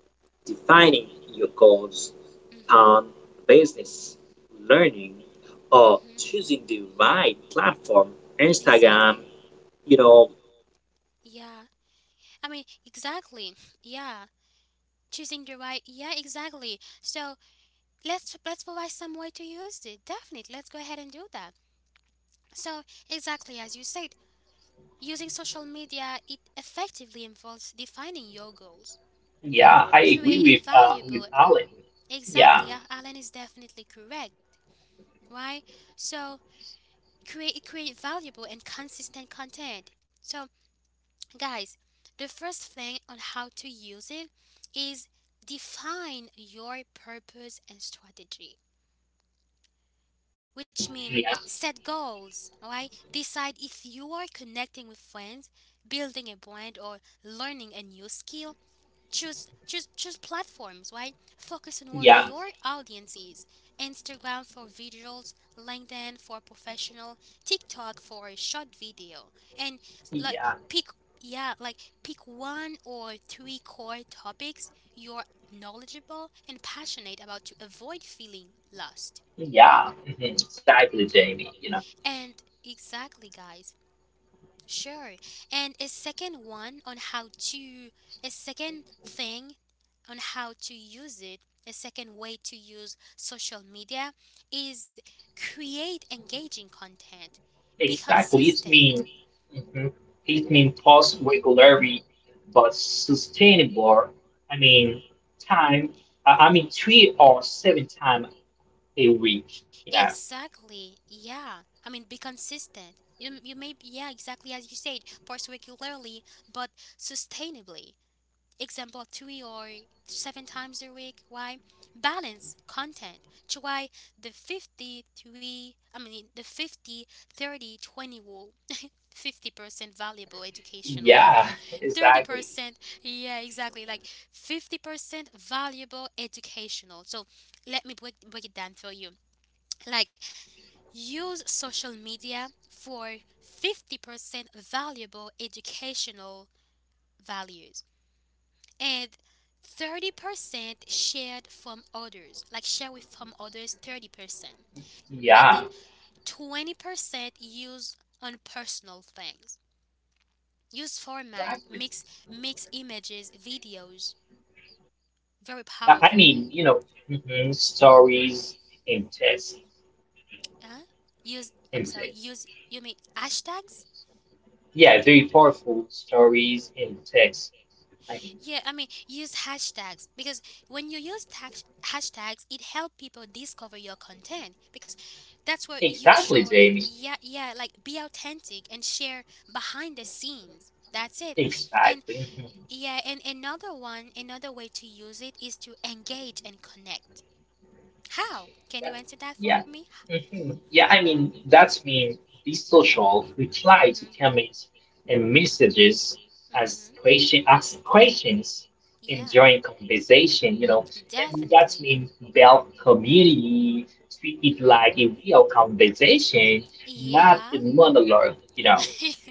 defining your goals
Mhm.
on business, learning, or
Mhm.
choosing the right platform,
Exactly.
Instagram, you know.
Yeah. I mean, exactly. Yeah. Choosing the right, yeah, exactly, so let's let's provide some way to use it, definitely. Let's go ahead and do that. So, exactly as you said, using social media it effectively involves defining your goals,
Yeah, I agree with
creating
uh, with
valuable.
Alan. Yeah,
Exactly. Yeah, Alan is definitely correct. Why? So, create create valuable and consistent content. So, guys, the first thing on how to use it is define your purpose and strategy, which means
yeah,
set goals, alright? Decide if you are connecting with friends, building a brand or learning a new skill. Choose choose choose platforms, right? Focus on where
yeah,
your audience is. Instagram for visuals, LinkedIn for professional, TikTok for a short video. And, like
yeah,
pick yeah, like, pick one or three core topics you're knowledgeable and passionate about, to avoid feeling lost.
yeah. Mhm. Exactly, Jamie. You know.
And exactly, guys. Sure. And a second one on how to, a second thing on how to use it, a second way to use social media is create engaging content. Be
Exactly, it's
consistent.
mean mhm, it mean post regularly but sustainable. I mean time. I I mean three or seven time a week. You know.
Exactly. Yeah. I mean, be consistent. You, you may, yeah, exactly as you said, post regularly, but sustainably. Example, three or seven times a week. Why? Balance content. To why the fifty three, I mean, the fifty, thirty, twenty rule. fifty percent valuable educational
Yeah. Exactly.
thirty percent, yeah, exactly, like fifty percent valuable educational. So let me break, break it down for you. Like, use social media for fifty percent valuable educational values and thirty percent shared from others. Like, share with from others thirty percent. And then
Yeah.
twenty percent used on personal things. Use format,
Exactly.
mix mix images, videos, very
I, I
powerful.
mean you know mhm, stories in text
Huh? Use I'm
in
sorry,
text.
use you mean hashtags?
Yeah, very powerful stories in text. I mean
Yeah, I mean, use hashtags because when you use tag- hashtags, it help people discover your content because that's where you
exactly,
show,
Jamie.
yeah, yeah, like be authentic and share behind the scenes. That's it. And
Exactly. Mm-hmm.
yeah, and another one, another way to use it is to engage and connect. How? Can you answer that for
Yeah.
me?
hmm Yeah, I mean, that's mean these social, reply to
Mhm.
comments and messages as
Mhm.
question, ask questions, and
Yeah,
join conversation, you know, and that's
definitely.
mean build community, treat it
Mhm.
like a real conversation,
Yeah.
not a monologue, you know.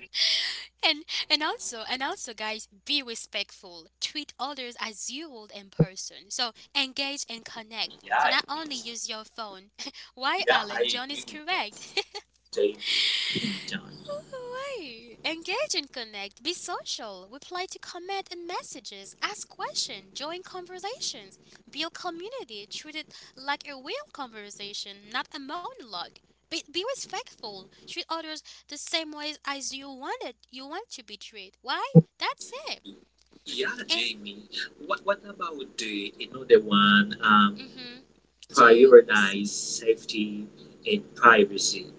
and and also and also guys, be respectful, treat others as you would in person, so engage and connect, so
Yeah,
not
it
only
is.
use your phone. Why,
Yeah, I
Alan? John is
agree with both
correct.
Jamie and John.
Why? Engage and connect. Be social. Reply to comment and messages, ask questions, join conversations, build community. Treat it like a real conversation, not a monologue. Be, be respectful. Treat others the same way as you wanted. You want to be treated. Why? That's it.
Yeah,
And
Jamie. What What about the another one? Um,
mm-hmm, to
prioritize safety and privacy.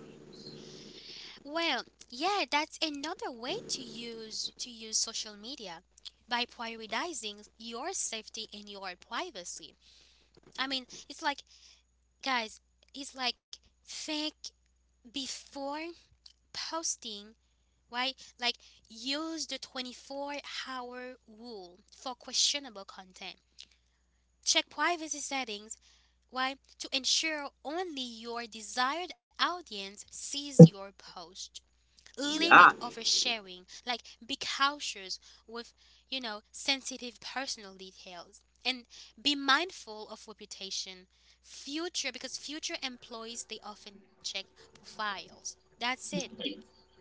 well, yeah, that's another way to use to use social media, by prioritizing your safety and your privacy. I mean, it's like guys, it's like think before posting, right? Like use the twenty-four-hour rule for questionable content. Check privacy settings, right, to ensure only your desired audience sees your post. Limit
Yeah,
oversharing, like be cautious with, you know, sensitive personal details and be mindful of reputation. Future, because future employees, they often check profiles. That's it.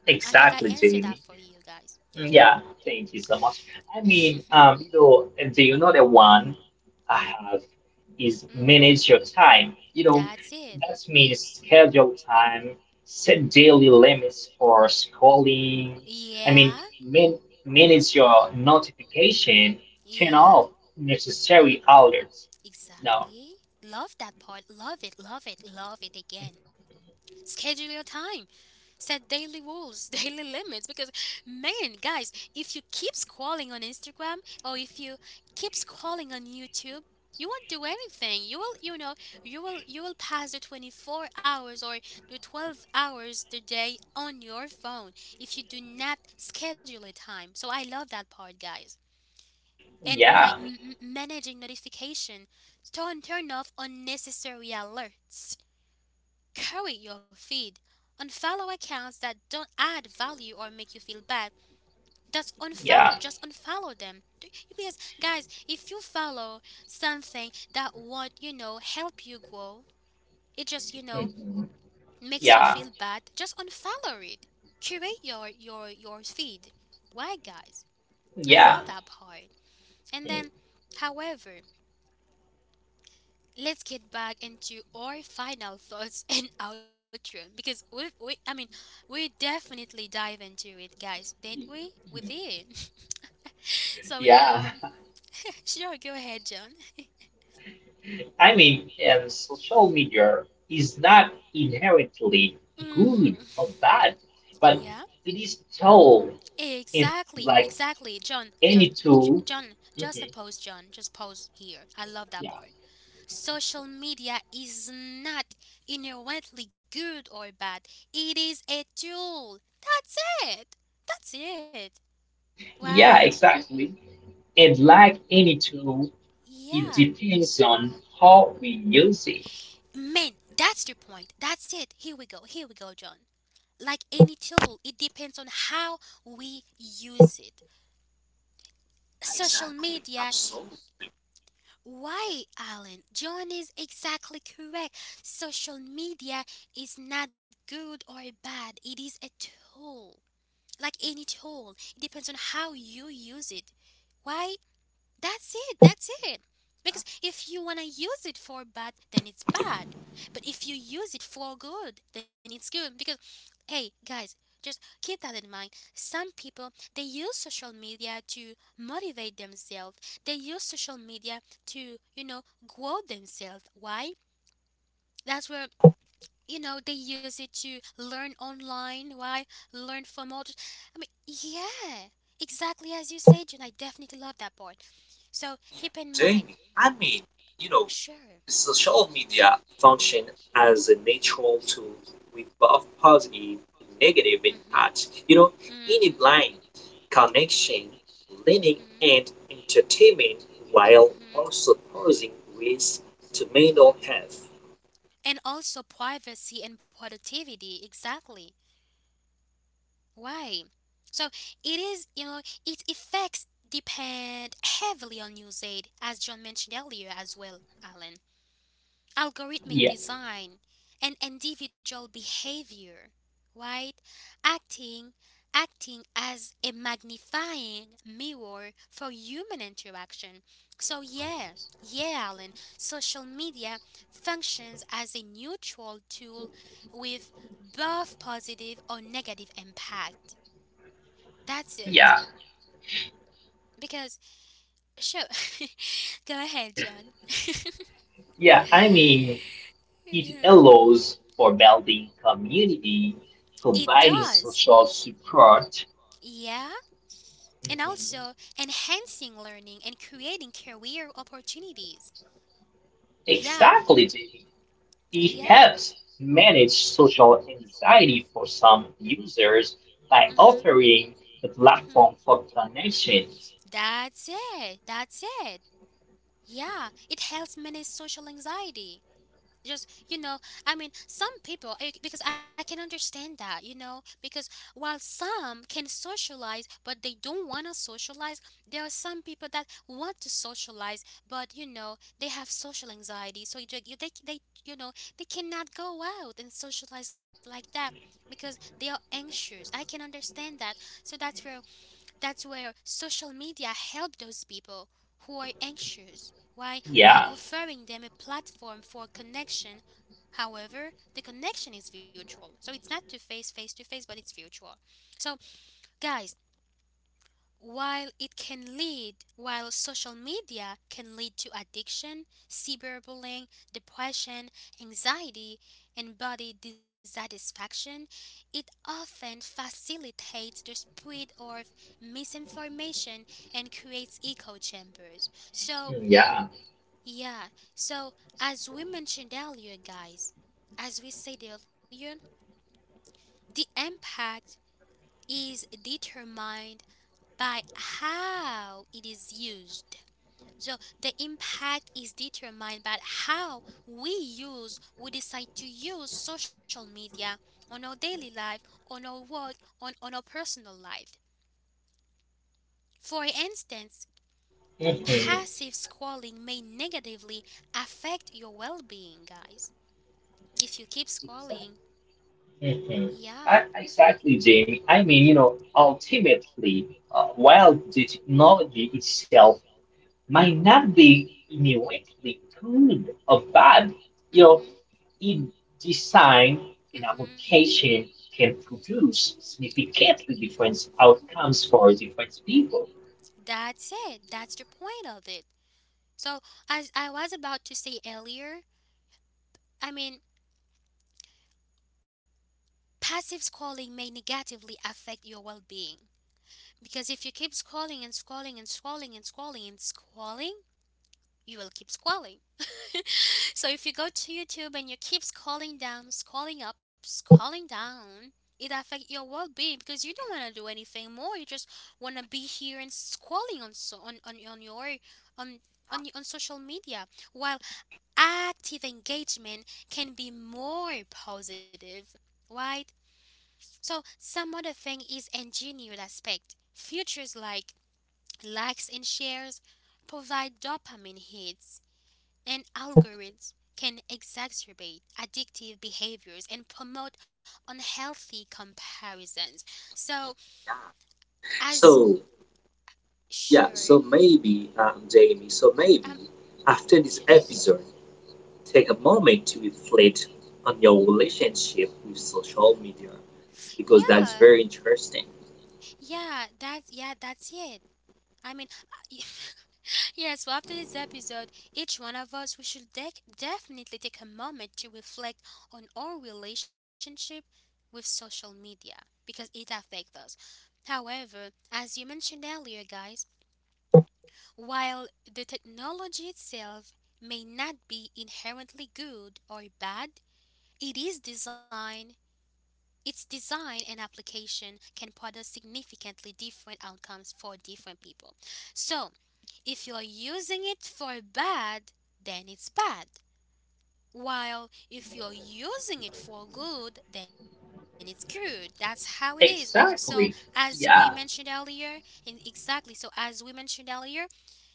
I think I
Exactly,
answered that for
Jamie.
you guys. Yeah.
Yeah, thank you so much. I mean, um, you know, and do you know the another one I have is
Mm,
manage your time. You know,
that's it.
that means schedule time, set
Mhm.
daily limits for scrolling. I
Yeah.
mean, man manage your notification, turn
Yeah.
off necessary alerts. No,
Exactly. Love that part. Love it. Love it. Love it again. Schedule your time. Set daily rules, daily limits. Because, man, guys, if you keep scrolling on Instagram or if you keep scrolling on YouTube, you won't do anything. You will, you know, you will, you will pass the twenty-four hours or the twelve hours the day on your phone if you do not schedule a time. So I love that part, guys. And mm, like
yeah,
m- m- managing notification, turn turn off unnecessary alerts. Curate your feed. Unfollow accounts that don't add value or make you feel bad. Just
yeah,
unfollow, just unfollow them. Do- Because guys, if you follow something that won't, you know, help you grow, it just, you know,
mhm,
makes you
yeah,
feel bad, just unfollow it. Curate your your your feed. Why guys? I
yeah,
love that part. And
mm,
then however, let's get back into our final thoughts and outro because we, we I mean, we definitely dive into it, guys, didn't we? We did. So we know.
yeah.
Sure, go ahead, John.
I mean, and social media is not inherently good
Hmm.
or bad, but
Yeah,
it is tool and like
exactly, exactly, John.
any
Just,
tool.
J- John,
Mhm,
just a pause, John. Just pause here. I love
yeah,
that part. Social media is not inherently good or bad. It is a tool. That's it. That's it. Why?
yeah, exactly. And like any tool, it
Yeah,
depends on how we use it.
man, that's the point. That's it. Here we go. Here we go, John. Like any tool, it depends on how we use it. Social
exactly.
media,
Absolutely,
why, Alan? John is exactly correct. Social media is not good or bad, it is a tool. Like any tool, it depends on how you use it. Why? That's it. That's it. Because if you want to use it for bad, then it's bad. But if you use it for good, then it's good. Because, hey, guys, just keep that in mind. Some people, they use social media to motivate themselves, they use social media to, you know, grow themselves. Why? That's where, you know, they use it to learn online. Why? Learn from others. I mean, yeah, exactly as you said, June, I definitely love that part. So keep in mind,
Jamie. I mean, you know,
sure.
social media function as a natural tool with both positive and negative impacts. You know,
Mm-hmm.
in a
Mm-hmm.
blind connection, learning
Mm-hmm.
and entertainment while
Mm-hmm.
also posing risk to mental
Mm-hmm.
health.
And also privacy and productivity, exactly. Why? So it is, you know, its effects depend heavily on usage, as John mentioned earlier as well, Alan. Algorithmic
Yeah,
design, and individual behavior, right? Acting acting as a magnifying mirror for human interaction. So yeah, yeah, Alan, social media functions as a neutral tool with both positive or negative impact. That's it.
yeah,
Because sure. Go ahead, John.
yeah. I mean, it
Yeah.
allows for building community,
It
providing
does.
social support.
Yeah? And
Mhm.
also enhancing learning and creating career opportunities. Yeah,
Exactly, Jamie. It
yeah.
helps manage social anxiety for some users by
Mhm.
offering the
Mhm.
platform for connections.
That's it. That's it. Yeah, it helps manage social anxiety. Just, you know, I mean, some people, I- because I can understand that, you know, because while some can socialize but they don't want to socialize, there are some people that want to socialize, but you know they have social anxiety, so you, you- they, they, you know, they cannot go out and socialize like that because they are anxious. I can understand that. So that's where that's where social media help those people who are anxious. Why? By
Yeah,
offering them a platform for connection. However, the connection is virtual. So it's not to face face to face, but it's virtual. So, guys, while it can lead, while social media can lead to addiction, cyberbullying, depression, anxiety, and body dissatisfaction, it often facilitates the spread of misinformation and creates echo chambers. So,
yeah,
yeah, so as we mentioned earlier, guys, as we said earlier, the impact is determined by how it is used. So the impact is determined by how we use, we decide to use social media on our daily life, on our work, on, on our personal life.
yeah.
For
I mean,
instance,
mhm,
passive scrolling may negatively affect your well being, guys. If you keep
exactly.
scrolling, yeah.
Mhm. I, exactly, Jamie. I mean, you know, ultimately, uh, while the technology itself might not be immediately good or bad, you know,
Mm-hmm.
in design and
Mm-hmm.
application can produce significantly different outcomes for different people.
That's it. That's the point of it. So, as I was about to say earlier, I mean, passive scrolling may negatively affect your well being. Because if you keep scrolling and scrolling and scrolling and scrolling and scrolling, you will keep scrolling. So if you go to YouTube and you keep scrolling down, scrolling up, scrolling down, it affects your well-being because you don't want to do anything more. You just want to be here and scrolling on so on, on, on your on on, on social media, while active engagement can be more positive, right? So some other thing is engineered aspect features like likes and shares provide dopamine hits, and algorithms can exacerbate addictive behaviors and promote unhealthy comparisons. So, as
So yeah,
sure,
so maybe um, Jamie, so maybe
um, uh,
after this episode,
just
take a moment to reflect on your relationship with social media because that
yeah,
is very interesting.
yeah, that's yeah, that's it. I mean, yeah, so after this episode, each one of us we should dec definitely take a moment to reflect on our relationship with social media because it affects us. However, as you mentioned earlier, guys, while the technology itself may not be inherently good or bad, it is designed its design and application can produce significantly different outcomes for different people. So, if you're using it for bad, then it's bad. While if you're using it for good, then it's good. That's how it is. So, as
Exactly.
we mentioned
Yeah,
earlier, and exactly, so as we mentioned earlier,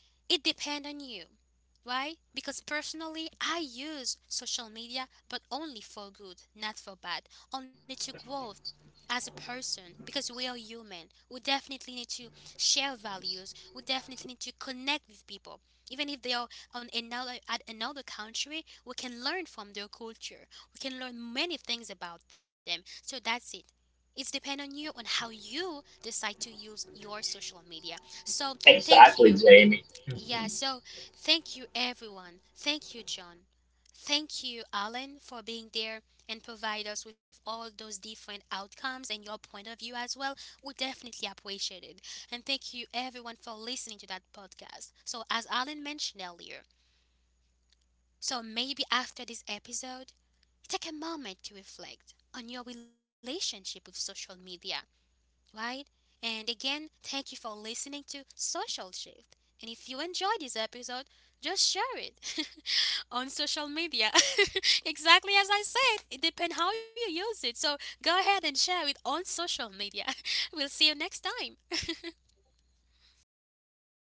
it depends on you. Why? Because personally, I use social media, but only for good, not for bad, only to grow as a person. Because we are human, we definitely need to share values. We definitely need to connect with people, even if they are on another at another country. We can learn from their culture. We can learn many things about them. So that's it. It's depend on you on how you decide to use your social media. So thank you,
exactly, Jamie.
yeah,
Mhm.
so thank you, everyone. Thank you, John. Thank you, Alan, for being there and provide us with all those different outcomes and your point of view as well. We definitely appreciate it. And thank you, everyone, for listening to that podcast. So, as Alan mentioned earlier, so maybe after this episode, take a moment to reflect on your relationship with social media, right? And again, thank you for listening to Social Shift. And if you enjoyed this episode, just share it on social media. Exactly as I said, it depends how you use it. So go ahead and share it on social media. We'll see you next time.